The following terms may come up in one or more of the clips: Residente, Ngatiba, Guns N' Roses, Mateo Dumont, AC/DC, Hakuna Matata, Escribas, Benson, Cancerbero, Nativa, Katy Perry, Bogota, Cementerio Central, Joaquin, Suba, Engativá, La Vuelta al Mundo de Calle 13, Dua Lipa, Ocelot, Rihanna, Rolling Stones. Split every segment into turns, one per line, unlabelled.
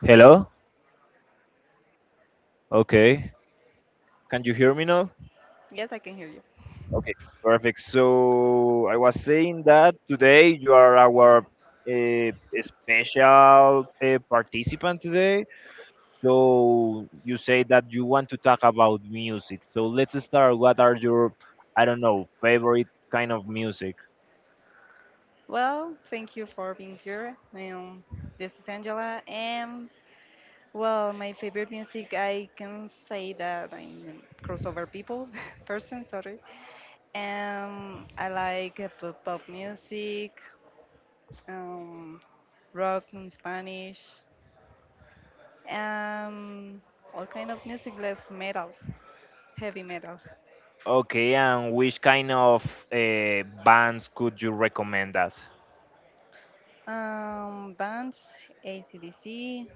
Hello? Okay. Can you hear me now?
Yes, I can hear you.
Okay, perfect. So I was saying that today you are our uh, special participant today. So you say that you want to talk about music. So let's start. What are your, I don't know, favorite kind of music?
Well, thank you for being here. This is Angela, and well, my favorite music, I can say that I'm a crossover people person, sorry. I like pop music, um, rock in Spanish, um, all kind of music, less metal, heavy metal.
Okay, and which kind of bands could you recommend us?
Bands, ACDC.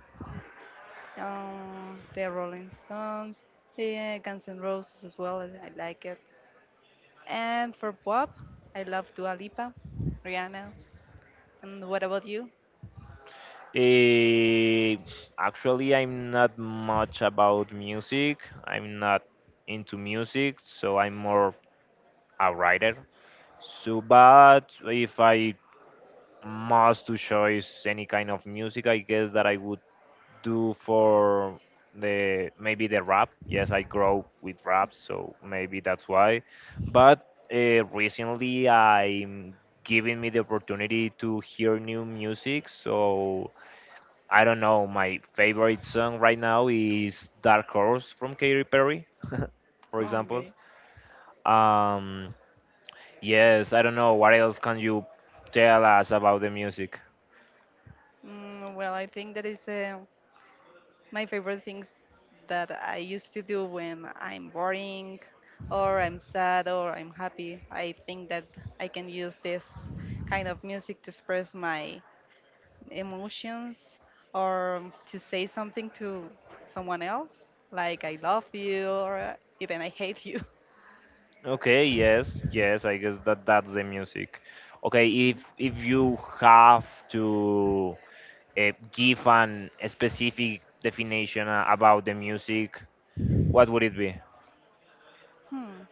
The Rolling Stones, the Guns N' Roses as well. I like it. And for pop, I love Dua Lipa, Rihanna. And what about you?
Eh, Actually, I'm not much about music. I'm not into music, so I'm more a writer. So, but if I must to choose any kind of music, I guess that I would do for the maybe the rap. Yes, I grow with rap, so maybe that's why. But recently, I'm giving me the opportunity to hear new music, so. I don't know. My favorite song right now is Dark Horse from Katy Perry, for example.
Okay.
Um, yes, I don't know. What else can you tell us about the music?
Well, I think that is my favorite things that I used to do when I'm boring or I'm sad or I'm happy. I think that I can use this kind of music to express my emotions or to say something to someone else, like I love you or even I hate you.
Okay, yes, yes. I guess that that's the music. Okay, if you have to give an a specific definition about the music, what would it be?
Hmm.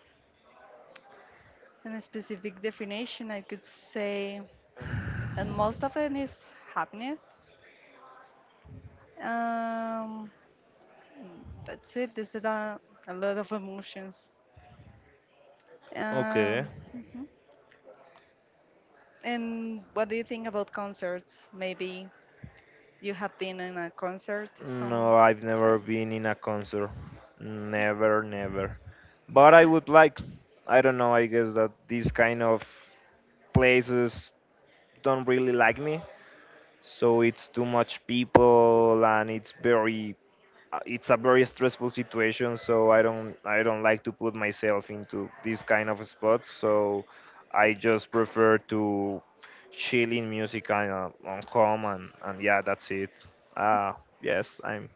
In a specific definition, I could say, and most of it is happiness. Um, that's it. There's a lot of emotions.
Okay.
Um, mhm. And what do you think about concerts? Maybe you have been in a concert some
No, I've never
time.
been in a concert. Never, never. But I would like, I don't know, I guess that these kind of places don't really like me. So it's too much people and it's very, it's a very stressful situation. So I don't like to put myself into these kind of spots. So I just prefer to chill in music and on home and yeah, that's it. Uh, yes, I'm,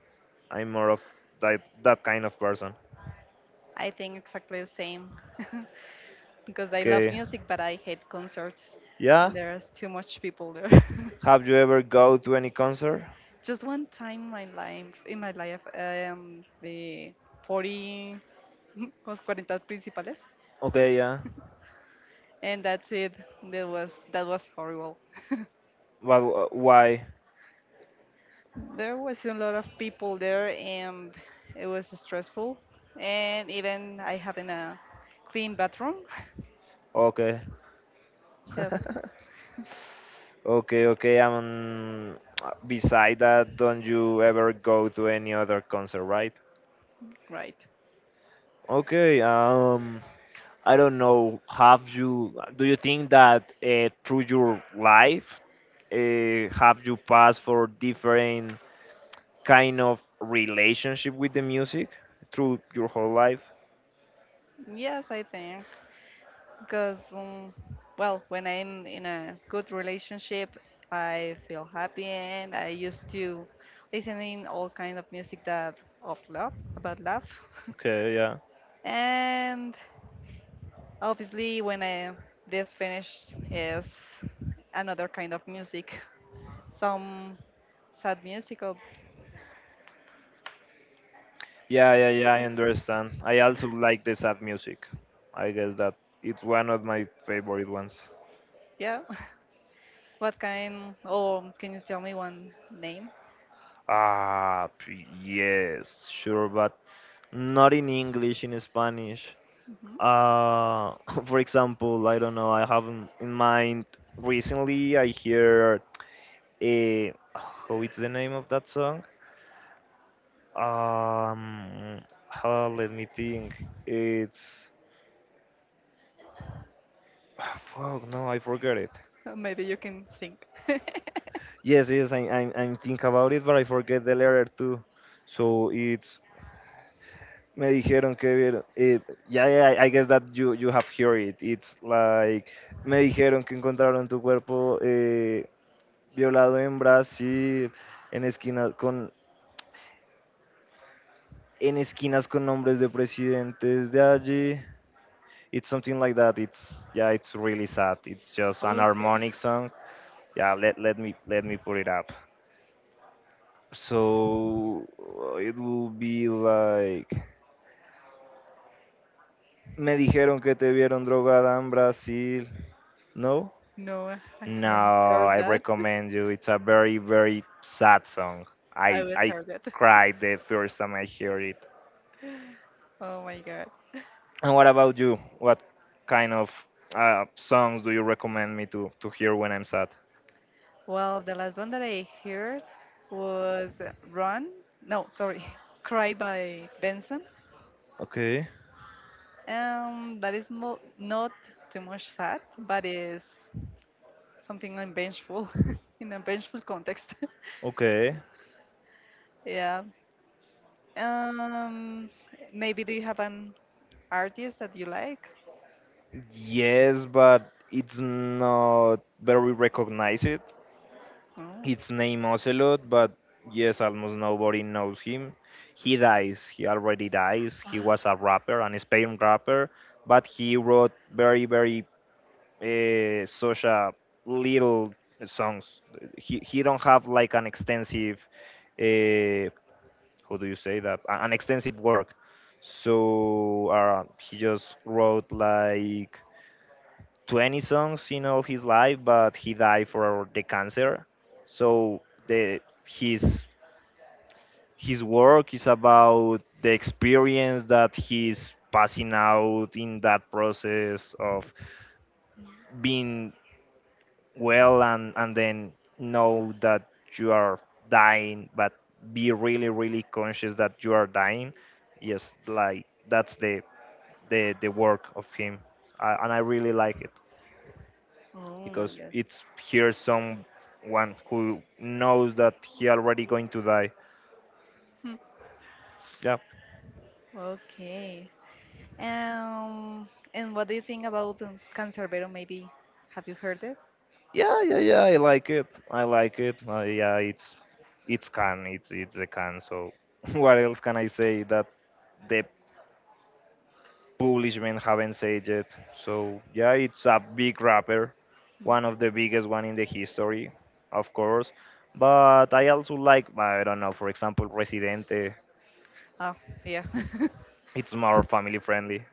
I'm more of that kind of person.
I think exactly the same because I love
Okay.
music, but I hate concerts,
Yeah.
and there's too much people there.
Have you ever go to any concert?
Just one time in my life, the 40 was 40 principales,
Okay, yeah.
and that's it. That was horrible.
But why?
There was a lot of people there, and it was stressful. And even I having a clean bathroom.
Okay.
Yep,
Okay, okay. Beside that, don't you ever go to any other concert, right?
right.
Okay. I don't know. Have you? Do you think that through your life, have you passed for different kind of relationship with the music through your whole life?
Yes, I think. Because, well, when I'm in a good relationship, I feel happy, and I used to listening all kind of music that of love, about love,
Okay, yeah.
and obviously when I this finish is another kind of music, some sad music or
Yeah, yeah, yeah, I
oh,
understand. I also like the sad music. I guess that it's one of my favorite ones.
yeah. What kind? Or can you tell me one name?
Yes, sure, but not in English, in Spanish.
hmm
Uh, for example, I don't know, I haven't in mind. Recently, I hear a. How is the name of that song? Um, Let me think. It's. Fuck, no, I forgot it.
Maybe you can sing.
Yes, yes, I, I think about it, but I forget the letter too. So it's me dijeron que yeah, yeah, I guess that you have heard it. It's like me dijeron que encontraron tu cuerpo violado en Brasil, en esquinas con en esquinas con nombres de presidentes de allí. It's something like that. It's yeah, it's really sad. It's just an harmonic song. Yeah, let me let me put it up. So it will be like. Me dijeron que te vieron drogada en Brazil. No?
No, I haven't
No,
heard
I
that.
recommend you. It's a very, very sad song.
I
I
will
I
heard it.
cried the first time I heard it.
Oh my god.
And what about you? What? Kind of songs do you recommend me to hear when I'm sad?
Well, the last one that I heard was Run. No, sorry, Cry by Benson.
Okay,
That is mo not too much sad, but is something I'm vengeful in a vengeful context.
okay.
Yeah. Um, Maybe do you have an artist that you like?
Yes, but it's not very recognized.
No.
His name Ocelot, but yes, almost nobody knows him. He dies. He already dies. He
Ah,
was a rapper, an Spain rapper, but he wrote very, very social little songs. He don't have like an extensive, uh, how do you say that? An extensive work. So he just wrote like 20 songs in all of his life, but he died for the cancer. So the his his work is about the experience that he's passing out in that process of being well and then know that you are dying, but be really really conscious that you are dying. Yes, like that's the work of him, and I really like it.
oh my
Because
god.
it's here someone who knows that he already going to die. Yeah,
Okay. Um, and what do you think about Cancerbero? Maybe have you heard it?
yeah, yeah, yeah. I like it. I like it. Yeah, it's can. It's a can. So what else can I say that the publishment haven't said yet? So yeah, it's a big rapper, one of the biggest one in the history, of course. But I also like I don't know, for example, Residente.
Oh, yeah.
It's more family friendly.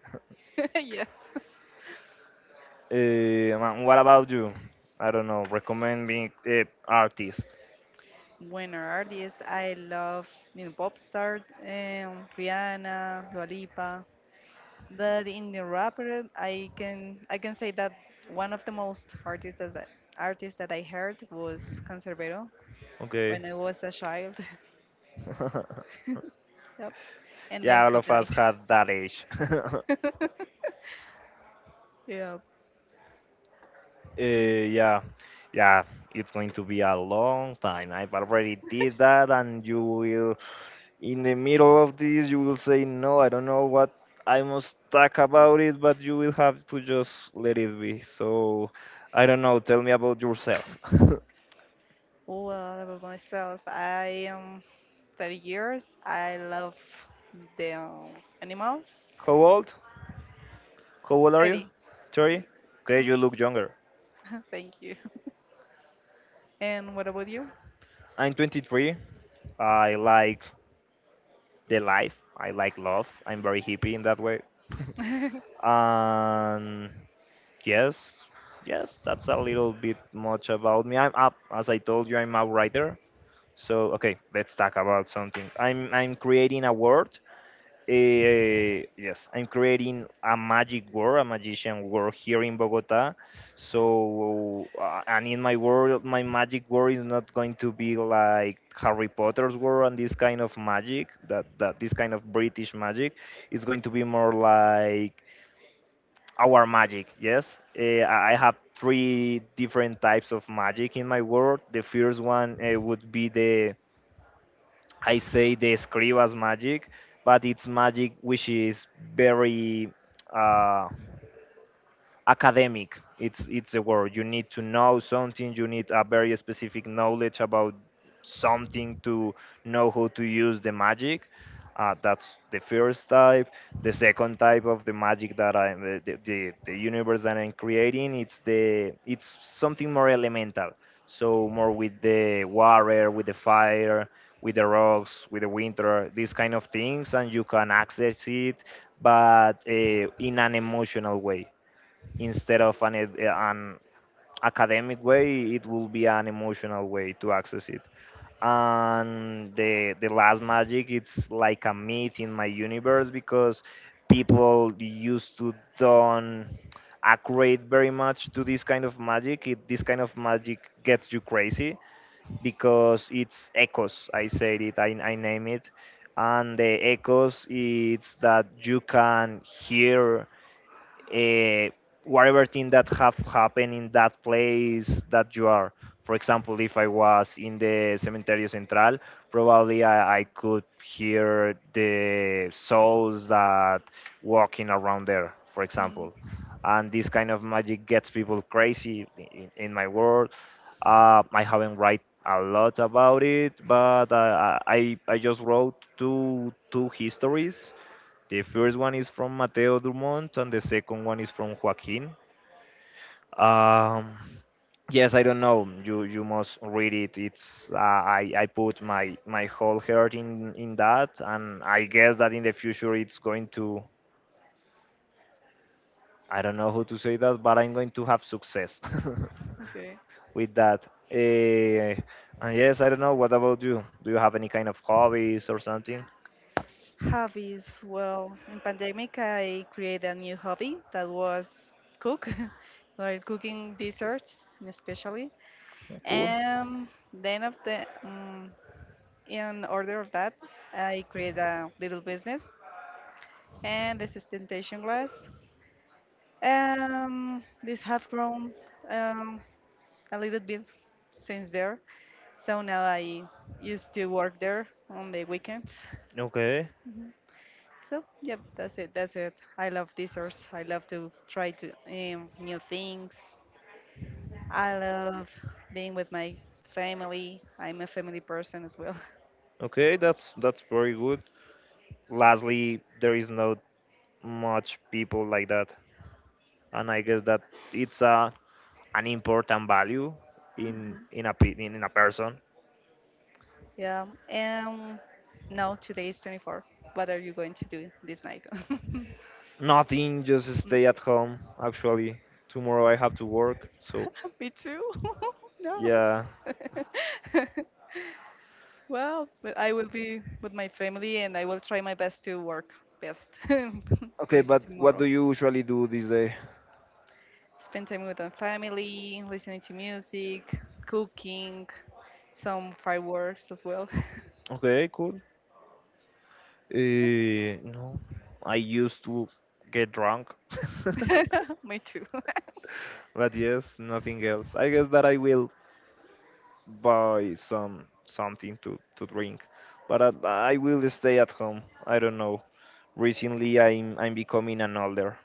Yes.
Man, what about you? I don't know. Recommend me artist.
Winner artist. I love, I mean, pop star, Rihanna, Dua Lipa. But in the rapper, I can say that one of the most artists that I heard was Cancerbero
Okay.
when I was a child. Yep. And then
Yeah, all
he
of
died.
us had that age.
Yeah.
Yeah, yeah. It's going to be a long time. I've already did that, and you will, in the middle of this, you will say, no, I don't know what I must talk about it, but you will have to just let it be. So, I don't know. Tell me about yourself.
Well, about myself. I am 30 years. I love the animals.
How old? How old are you?
30.
30? Okay,
Hmm?
you look younger.
Thank you. And what about you?
I'm 23. I like the life. I like love. I'm very hippie in that way. And yes, yes, that's a little bit much about me. I'm up, as I told you, I'm a writer. So okay, let's talk about something. I'm creating a world yes, I'm creating a magic world, a magician world here in Bogota. So, and in my world, my magic world is not going to be like Harry Potter's world and this kind of magic, that this kind of British magic. It's going to be more like our magic, yes. I have three different types of magic in my world. The first one would be the I say the Escribas magic, but it's magic which is very uh, academic. It's the word. You need to know something. You need a very specific knowledge about something to know how to use the magic. That's the first type. The second type of the magic that I'm the universe that I'm creating, it's the it's something more elemental, so more with the water, with the fire, with the rocks, with the winter, these kind of things, and you can access it, but in an emotional way instead of an academic way. It will be an emotional way to access it. And the last magic, it's like a myth in my universe because people used to don't accurate very much to this kind of magic. This kind of magic gets you crazy because it's echoes. I name it. And the echoes, it's that you can hear uh, whatever thing that have happened in that place that you are. For example, if I was in the Cementerio Central, probably I could hear the souls that walking around there, for example.
Mm.
And this kind of magic gets people crazy in my world. I haven't write a lot about it, but I just wrote two histories. The first one is from Mateo Dumont, and the second one is from Joaquin. Um, yes, I don't know. You must read it. It's I put my my whole heart in that, and I guess that in the future it's going to I don't know how to say that, but I'm going to have success
Okay.
with that. And yes, I don't know. What about you? Do you have any kind of hobbies or something?
Hobbies. Well, in pandemic, I created a new hobby that was cook, like cooking desserts, especially.
Cool.
And then after, in order of that, I created a little business and this is temptation glass. This have grown um, a little bit since there. So now I used to work there on the weekends.
Okay.
Mhm. So yep, that's it. That's it. I love desserts. I love to try to new things. I love being with my family. I'm a family person as well.
Okay, that's very good. Lastly, there is no much people like that, and I guess that it's a an important value in a person.
Yeah. And now today is 24. What are you going to do this night?
Nothing, just
No.
stay at home. Actually tomorrow I have to work, so
Me too. No.
yeah.
Well, but I will be with my family and I will try my best to work best.
Okay,
Great
but what
tomorrow.
do you usually do this day?
Spend time with my family, listening to music, cooking, some fireworks as well.
Okay, cool. uh, no, I used to get drunk.
Me too.
But yes, nothing else. I guess that I will buy some something to drink, but I will stay at home. I don't know, recently I'm becoming an older.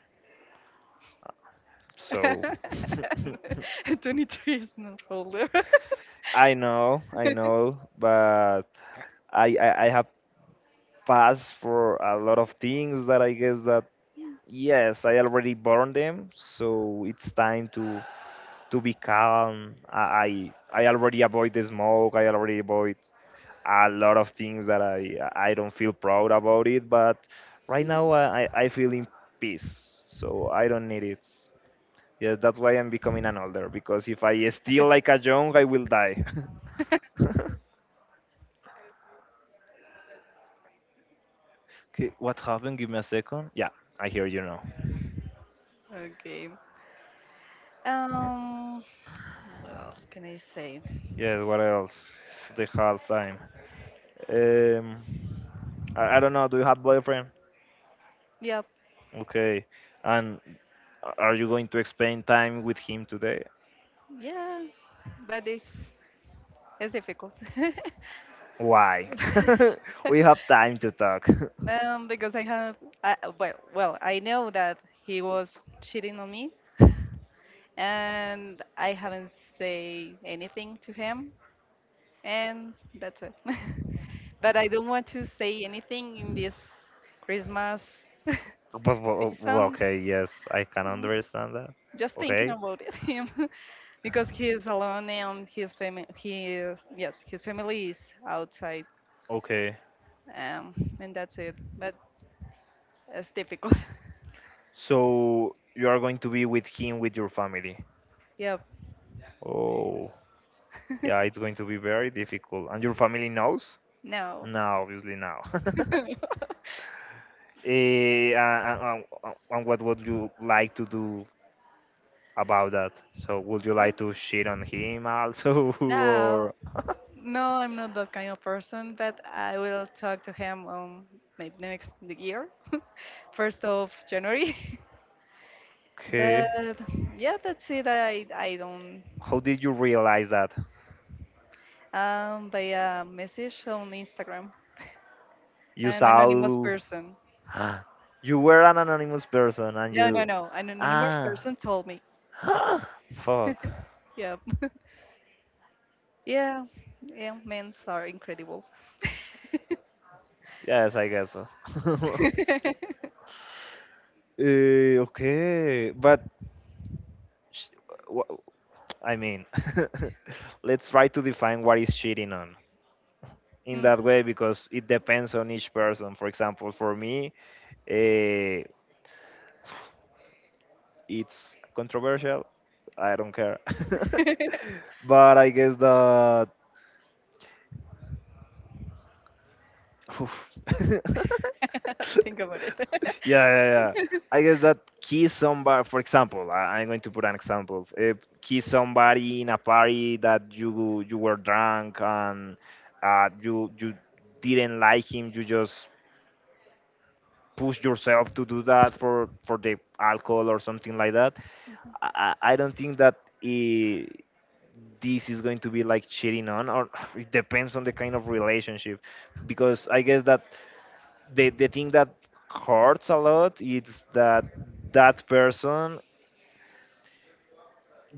So
23 is not older.
I know, but I, I have passed for a lot of things that I guess that yes, I already burned them, so it's time to be calm. I already avoid the smoke. I already avoid a lot of things that I don't feel proud about it, but right now I I feel in peace, so I don't need it. Yeah, that's why I'm becoming an older because if I steal like a young, I will die. Okay, what happened? Give me a second. Yeah, I hear you now.
Okay. Um, what else can I say?
Yeah, what else? It's the hard time. Um, I don't know. Do you have boyfriend?
Yep.
Okay, and are you going to spend time with him today?
Yeah, but it's difficult.
Why? We have time to talk.
Because I have, I, well, well, I know that he was cheating on me, and I haven't say anything to him, and that's it. But I don't want to say anything in this Christmas
but, but-
season.
okay, yes, I can
Mm,
understand that.
Just thinking
Okay,
about it, him, because he is alone and his family, he is, yes, his family is outside,
okay.
um, and that's it. But that's difficult.
So you are going to be with him with your family.
Yep.
Oh, yeah, it's going to be very difficult. And your family knows?
No.
No, obviously no. And what would you like to do about that? So would you
Well,
like to shit on him also,
now,
or
no, I'm not that kind of person. But I will talk to him maybe next the year, January 1st. But
okay?
yeah, that's it. I don't.
How did you realize that?
By a message on Instagram.
You
An anonymous
saw.
person.
Ah, you were an anonymous person, and
No, no,
you
no. An anonymous
ah
person told me.
fuck.
Yep. Yeah, yeah, men are incredible.
Yes, I guess so. Okay, but sh- wha- I mean, let's try to define what is cheating on in that
Mhm.
way because it depends on each person. For example, for me, uh, it's controversial. I don't care. But I guess that. Oof. Yeah,
Think about it.
yeah, yeah. I guess that kiss somebody, for example, I'm going to put an example. If kiss somebody in a party that you were drunk and you didn't like him, you just push yourself to do that for the alcohol or something like that. I, I don't think that I this is going to be like cheating on, or it depends on the kind of relationship, because I guess that the thing that hurts a lot is that that person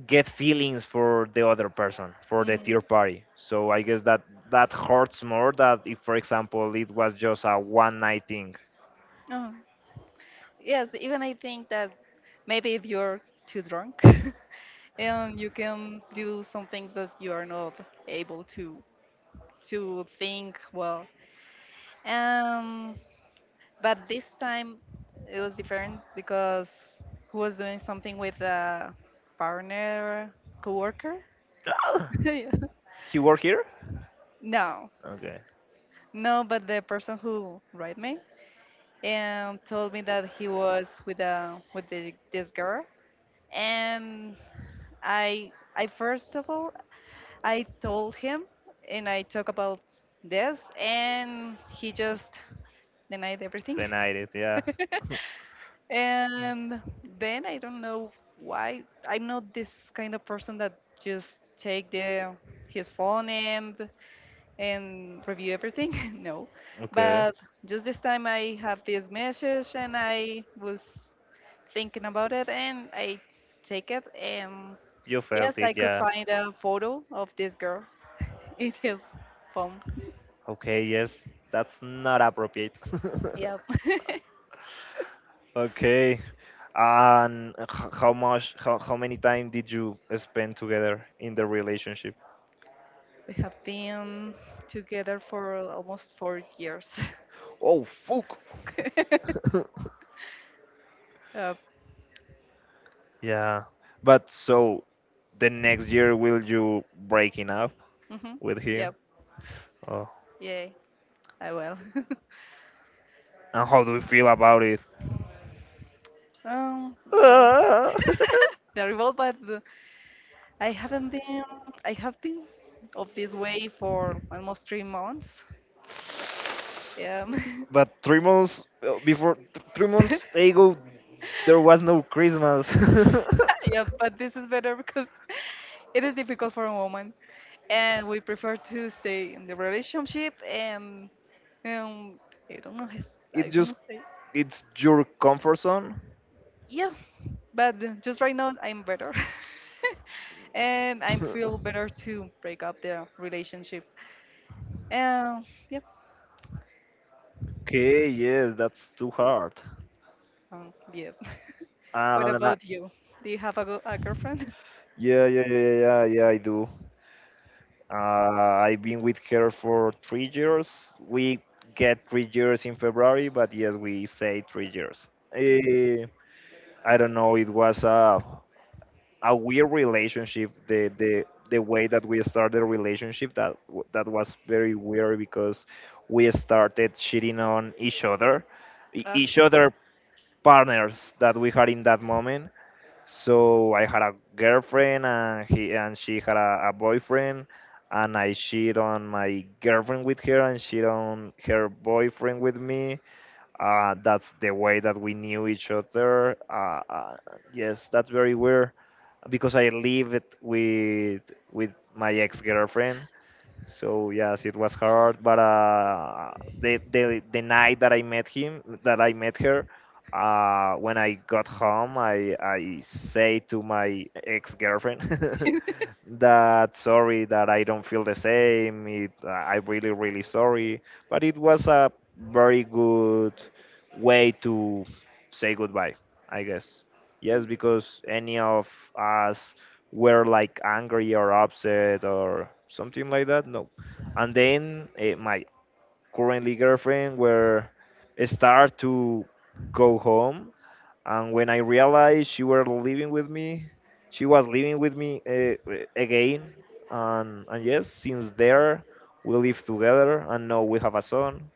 get feelings for the other person, for the
Hmm.
third party, so I guess that that hurts more, that if for example it was just a one night thing.
Oh. Yes, even I think that maybe if you're too drunk, and you can do some things that you are not able to think well. Um, But this time it was different because he was doing something with a partner, coworker.
Ah,
Yeah.
he work here.
No,
Okay.
no, but the person who wrote me and told me that he was with this girl, and I first of all I told him and I talked about this, and he just denied everything.
Denied it, yeah.
And then I don't know why I'm not this kind of person that just take the his phone and review everything. No,
Okay.
but just this time I have this message and I was thinking about it and I take it and
You felt
yes,
it,
I could
yeah.
find a photo of this girl in his phone.
Okay, yes, that's not appropriate.
Yep,
Okay. And how much, how many time did you spend together in the relationship?
we have been together for almost 4 years.
Oh, fuck.
Yep.
Yeah. But so the next year will you breaking up
Hmm.
with him?
Yep.
Oh.
Yay. I will.
And how do you feel about it?
um, but
Ah.
the revolt, but I haven't been. I have been of this way for almost 3 months. Yeah.
But 3 months before, 3 months ago, there was no Christmas.
Yeah, but this is better because it is difficult for a woman, and we prefer to stay in the relationship and um, I don't know. I
it
don't
just,
say.
it's your comfort zone.
Yeah, but just right now I'm better. And I feel better to break up the relationship. Um, yep.
Okay, yes, that's too hard.
Yep. What
And I,
about you? Do you have a girlfriend?
yeah, yeah, yeah, yeah, yeah, yeah, I do. I've been with her for 3 years. We get 3 years in February, but yes, we say 3 years.
Okay.
Eh, I don't know. It was a weird relationship. The way that we started the relationship, that was very weird because we started cheating on each other, each other partners that we had in that moment. So I had a girlfriend, and he and she had a boyfriend, and I cheat on my girlfriend with her, and she on her boyfriend with me. That's the way that we knew each other. Yes, that's very weird because I lived with with my ex-girlfriend, so yes, it was hard, but the, the night that I met him, that I met her, when I got home, I say to my ex-girlfriend that sorry that I don't feel the same. I'm really really sorry, but it was a very good way to say goodbye, I guess. Yes, because any of us were like angry or upset or something like that. No, and then my currently girlfriend were start to go home, and when I realized she were living with me, she was living with me again, and yes, since there we live together, and now we have a son.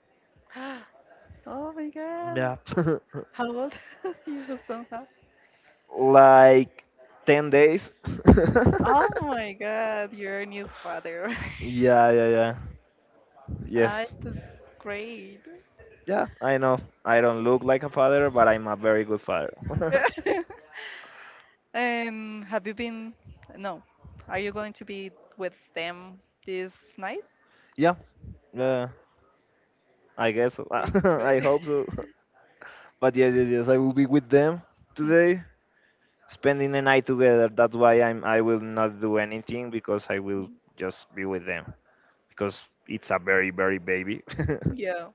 Ah. Oh my god.
Yeah,
How old you somehow?
like 10 days.
Oh my god, you're a new father.
Yeah, yeah, yeah.
Ah,
Yes.
that's great.
Yeah, I know. I don't look like a father, but I'm a very good father.
Have you been? No. Are you going to be with them this night?
Yeah, uh, I guess so.
Okay, right?
I hope so. But yes, yes, yes. I will be with them
Mhm.
today, spending the night together. That's why I'm. I will not do anything because I will just be with them because it's a very, very baby.
Yeah.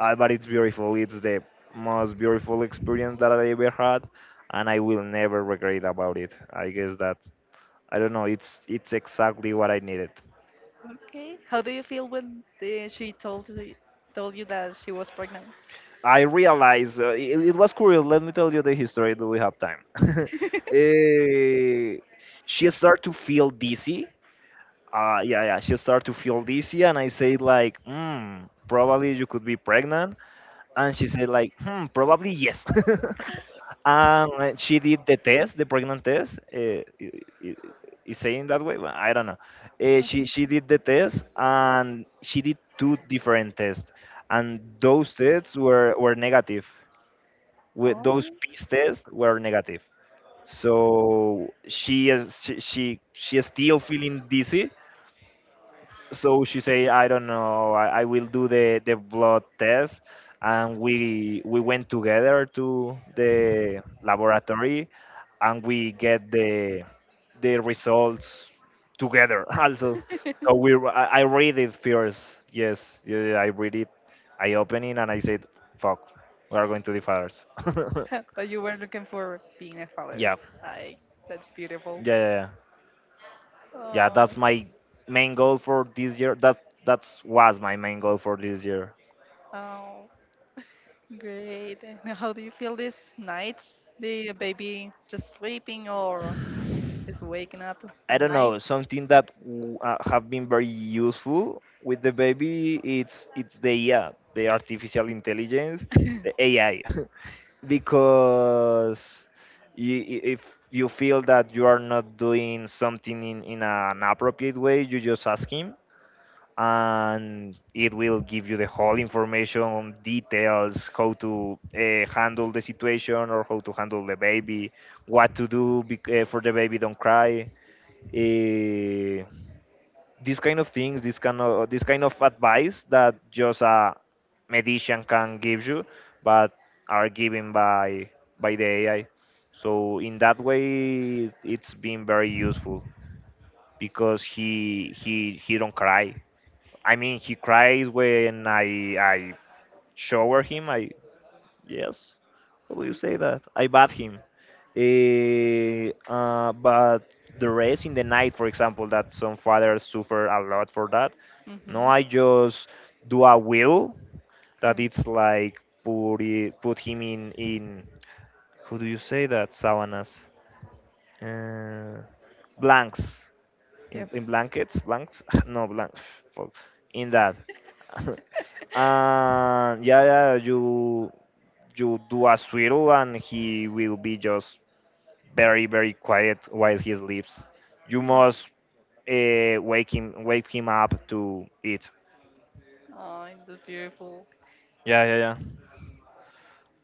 Ah, but it's beautiful. It's the most beautiful experience that I ever had, and I will never regret about it. I guess that I don't know. It's exactly what I needed.
Okay. How do you feel when she told you, that she was pregnant?
I realize it was curious. Let me tell you the history. Do we have time? Eh, she started to feel dizzy. Yeah, yeah. She started to feel dizzy, and I said like, hmm, probably you could be pregnant. And she said like, hmm, probably yes. And she did the test, the pregnant test. Is saying that way? Well, I don't know. She
Uh-huh.
she did the test, and she did two different tests, and those tests were negative, with those
Oh.
piece tests were negative. So she is still feeling dizzy. So she say, I don't know, I will do the blood test. And we went together to the laboratory, and we get the results together also. So I read it first. Yes, yeah, yeah, I read it. I open it and I said, fuck, we are going to the fathers.
But you were looking for being a father.
Yeah.
I. That's
Yeah,
beautiful.
yeah, yeah. Yeah,
Oh.
that's my main goal for this year. That's was my main goal for this year.
Oh. Great. And how do you feel these nights? The baby just sleeping or is waking up
I
at
don't
night.
know, something have been very useful with the baby. It's the AI, the artificial intelligence, the AI, because you, if you feel that you are not doing something in an appropriate way, you just ask him, and it will give you the whole information, details, how to handle the situation or how to handle the baby, what to do for the baby don't cry. Uh, these kind of things, this kind of advice that just a medician can give you, but are given by the AI. So in that way, it's been very useful because he don't cry. I mean, he cries when I shower him. I Yes, how do you say that? I bath him. But the rest in the night, for example, that some fathers suffer a lot for that. No,
Hmm.
I just do a will that it's like put him in how do you say that, savanas, uh, blanks, in,
Yep.
in blankets, blanks, no blank, fuck, in that. And yeah, yeah, you do a swirl and he will be just very very quiet while he sleeps. You
Oh,
must wake him up to eat.
oh, that's beautiful.
Yeah, yeah, yeah.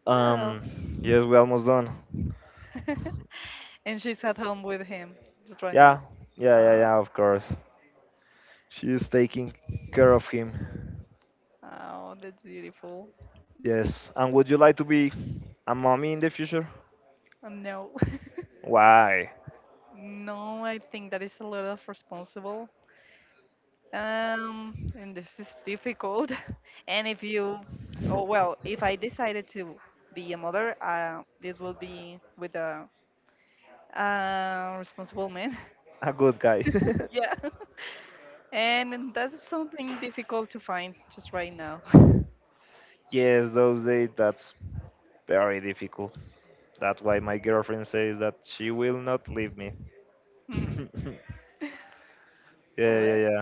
Well,
Um, yes, we almost done.
and she's at home with him just right now.
Yeah, yeah, yeah,
Oh,
yeah. Of course, she is taking care of him.
oh that's beautiful.
Yes, and would you like to be a mommy in the future?
No,
Why?
no, I think that is a lot of responsible. And this is difficult. And if you, oh well, if I decided to be a mother, this will be with a responsible man.
A good guy.
Yeah. And that's something difficult to find just right now.
Yes, those days that's very difficult. That's why my girlfriend says that she will not leave me. Yeah,
Mm,
yeah,
Well,
yeah.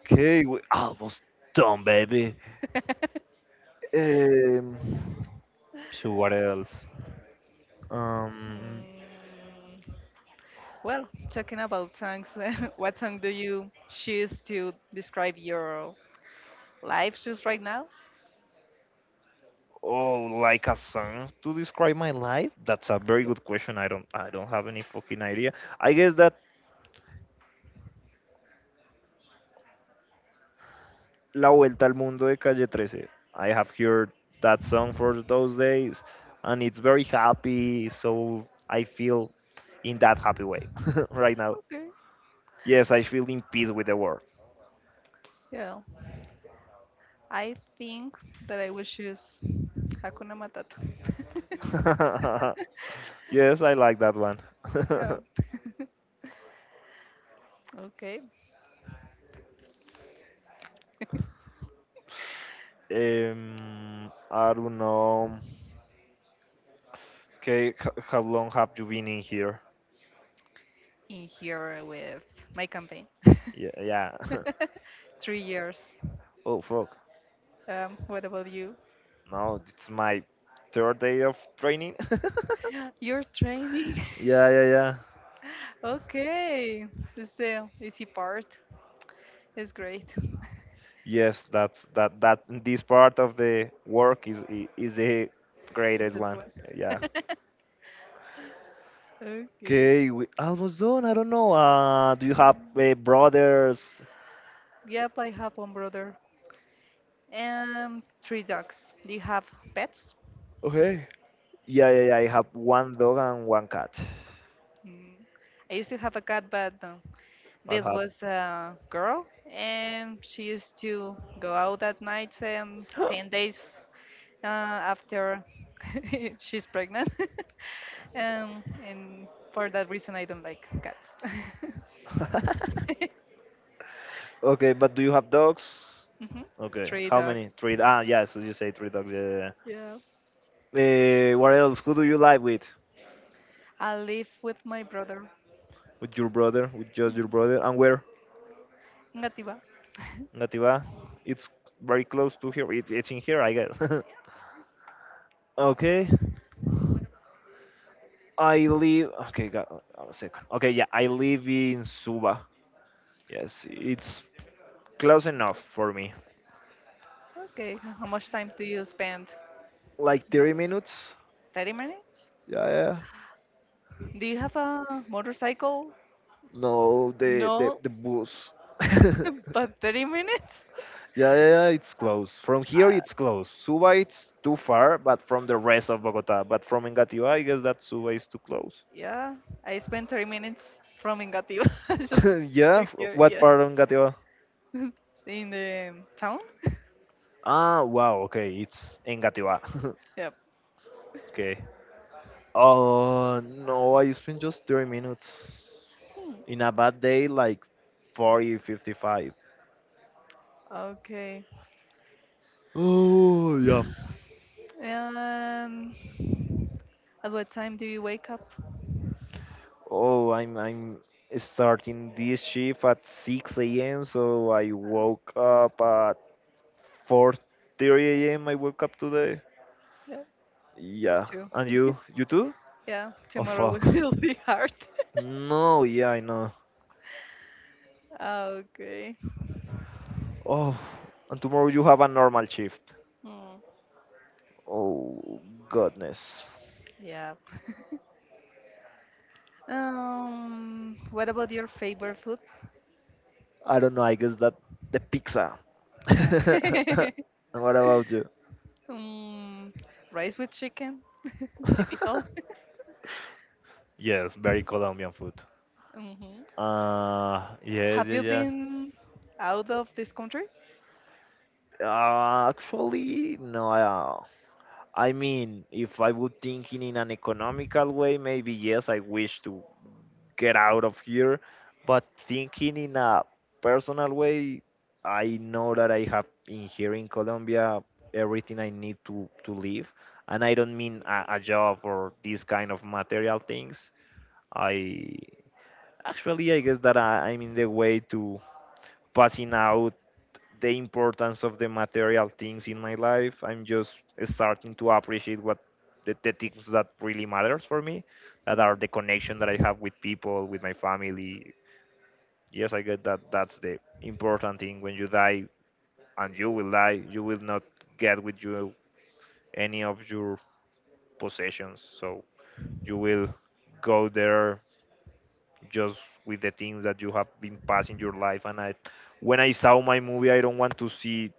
Okay, we almost done, baby. Um, so what else? Um,
Mm, well, talking about songs, what song do you choose to describe your life just right now?
oh, like a song to describe my life? That's a very
Yeah.
good question. I don't have any fucking idea. I guess that La Vuelta al Mundo de Calle 13. I have heard that song for those days, and it's very happy, so I feel in that happy way right now.
Okay.
Yes, I feel in peace with the world.
Yeah. I think that I will choose Hakuna Matata.
Yes, I like that one.
Yeah. Okay.
I don't know. Okay, how long have you been in here?
In here with my campaign.
Yeah, yeah.
3 years.
Oh, fuck.
What about you?
No, it's my third day of training.
Your training.
Yeah, yeah, yeah.
Okay, this is the easy part. It's great.
Yes, that's that that this part of the work is the
The
greatest
best
one.
one.
Yeah.
Okay.
Okay, we almost done. I don't know. Do you have brothers?
Yep, I have one brother and three dogs. Do you have pets?
Okay. Yeah, yeah, yeah. I have one dog and one cat.
Mm. I used to have a cat, but no,
What
this was a girl, and she used to go out at night,
happened?
10 days uh, after she's pregnant. And for that reason, I don't like cats.
Okay, but do you have dogs?
Mhm.
Okay,
Three
how
dogs.
many? Three. Ah, yeah. So you say three dogs. Yeah. Yeah,
Yeah.
yeah. What else? Who do you live with?
I live with my brother.
With your brother? With just your brother? And where?
Ngatiba.
Nativa. It's very close to here. It's in here, I guess. Okay. I live. Okay, got a second. Okay, yeah, I live in Suba. Yes, it's close enough for me.
Okay. How much time do you spend?
Like 30 minutes?
30 minutes?
Yeah, yeah.
Do you have a motorcycle?
No, the the
No,
the bus.
but 30 minutes?
Yeah, yeah, yeah, it's close. From here, it's close. Suba, it's too far, but from the rest of Bogota. But from Engativá, I guess that Suba is too close.
Yeah, I spent 3 minutes from Ingatiba just
Yeah,
to here.
what
Yeah,
part of Engativá?
in the town.
Ah, wow, okay, it's Engativá.
Yep.
Okay. Oh, no, I spent just 30 minutes.
Hmm.
In a bad day, like 40, 55.
Okay.
Oh, yeah.
Um, at what time do you wake up?
Oh, I'm starting this shift at 6 a.m., so I
Uh,
woke up at 4:30 a.m. I woke up today.
yeah, me
Yeah.
too.
And you too?
Yeah,
Oh,
tomorrow will
fuck.
will be hard.
No, yeah, I know.
Okay.
Oh, and tomorrow you have a normal shift.
Hmm.
Oh goodness.
Yeah. What about your favorite food?
I don't know. I guess that the pizza.
Uh,
And what about you?
Mm, rice with chicken, typical.
Yes, very Colombian food.
hmm
Yes,
Have you
yes, yes.
been out of this country?
Actually, no. I mean, if I would thinking in an economical way, maybe yes, I wish to get out of here. But thinking in a personal way, I know that I have in here in Colombia everything I need to live. And I don't mean a job or these kind of material things. I I guess that I'm in the way to passing out the importance of the material things in my life. I'm just starting to appreciate what the things that really matters for me, that are the connection that I have with people, with my family. Yes, I get that. That's the important thing. When you die, and you will die, you will not get with you any of your possessions. So you will go there just with the things that you have been passing your life. When I saw my movie, I don't want to see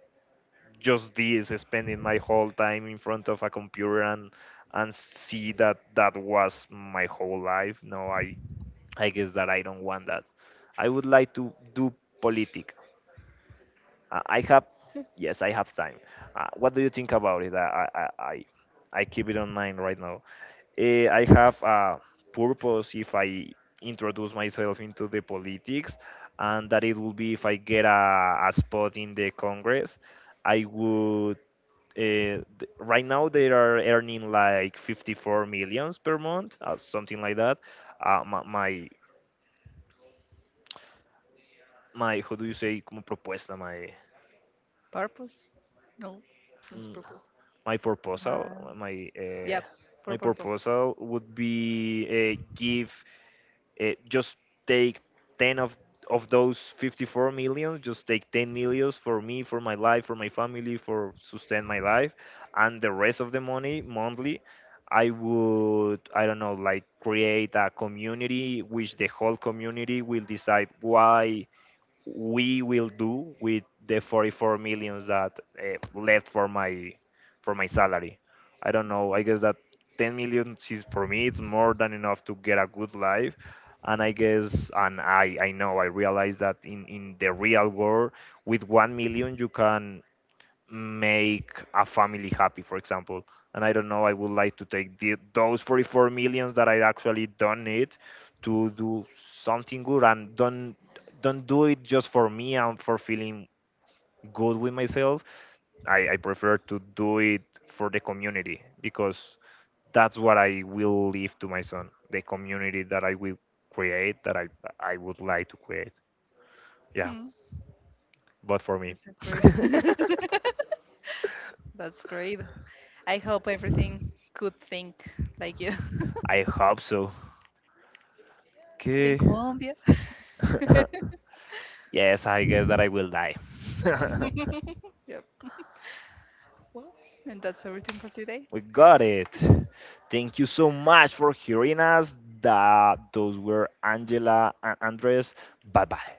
just this spending my whole time in front of a computer, and see that that was my whole life. No, I guess that I don't want that. I would like to do politics. I have, yes, I have time. What do you think about it? I, I, I I keep it on mind right now. I have a purpose if I introduce myself into the politics, and that it will be if I get a spot in the Congress, I would. Uh, right now they are earning like 54 millions per month, something like that. Uh, my, my, how do you say, como propuesta, my.
Purpose. No, that's
mm,
purpose.
my proposal,
Man.
my uh,
Yeah,
my
purposeful.
proposal would be give just take 10 of those 54 million, just take 10 millions for me, for my life, for my family, for sustain my life, and the rest of the money monthly, I don't know, like create a community which the whole community will decide why we will do with the 44 millions that left for my salary. I don't know. I guess that 10 million is for me. It's more than enough to get a good life. And I guess, and I know, I realize that in the real world, with 1 million, you can make a family happy, for example. And I don't know, I would like to take those 44 millions that I actually don't need to do something good, and don't do it just for me and for feeling good with myself. I prefer to do it for the community because that's what I will leave to my son, the community that I will create, that I would like to create. Yeah,
Hmm.
but for me.
That's a great. That's great. I hope everything could think like you.
I hope so.
In
Okay.
Colombia.
Yes, I guess that I will die.
Yep. Well, and that's everything for today.
We got it. Thank you so much for hearing us. That those were Angela and Andres. Bye bye.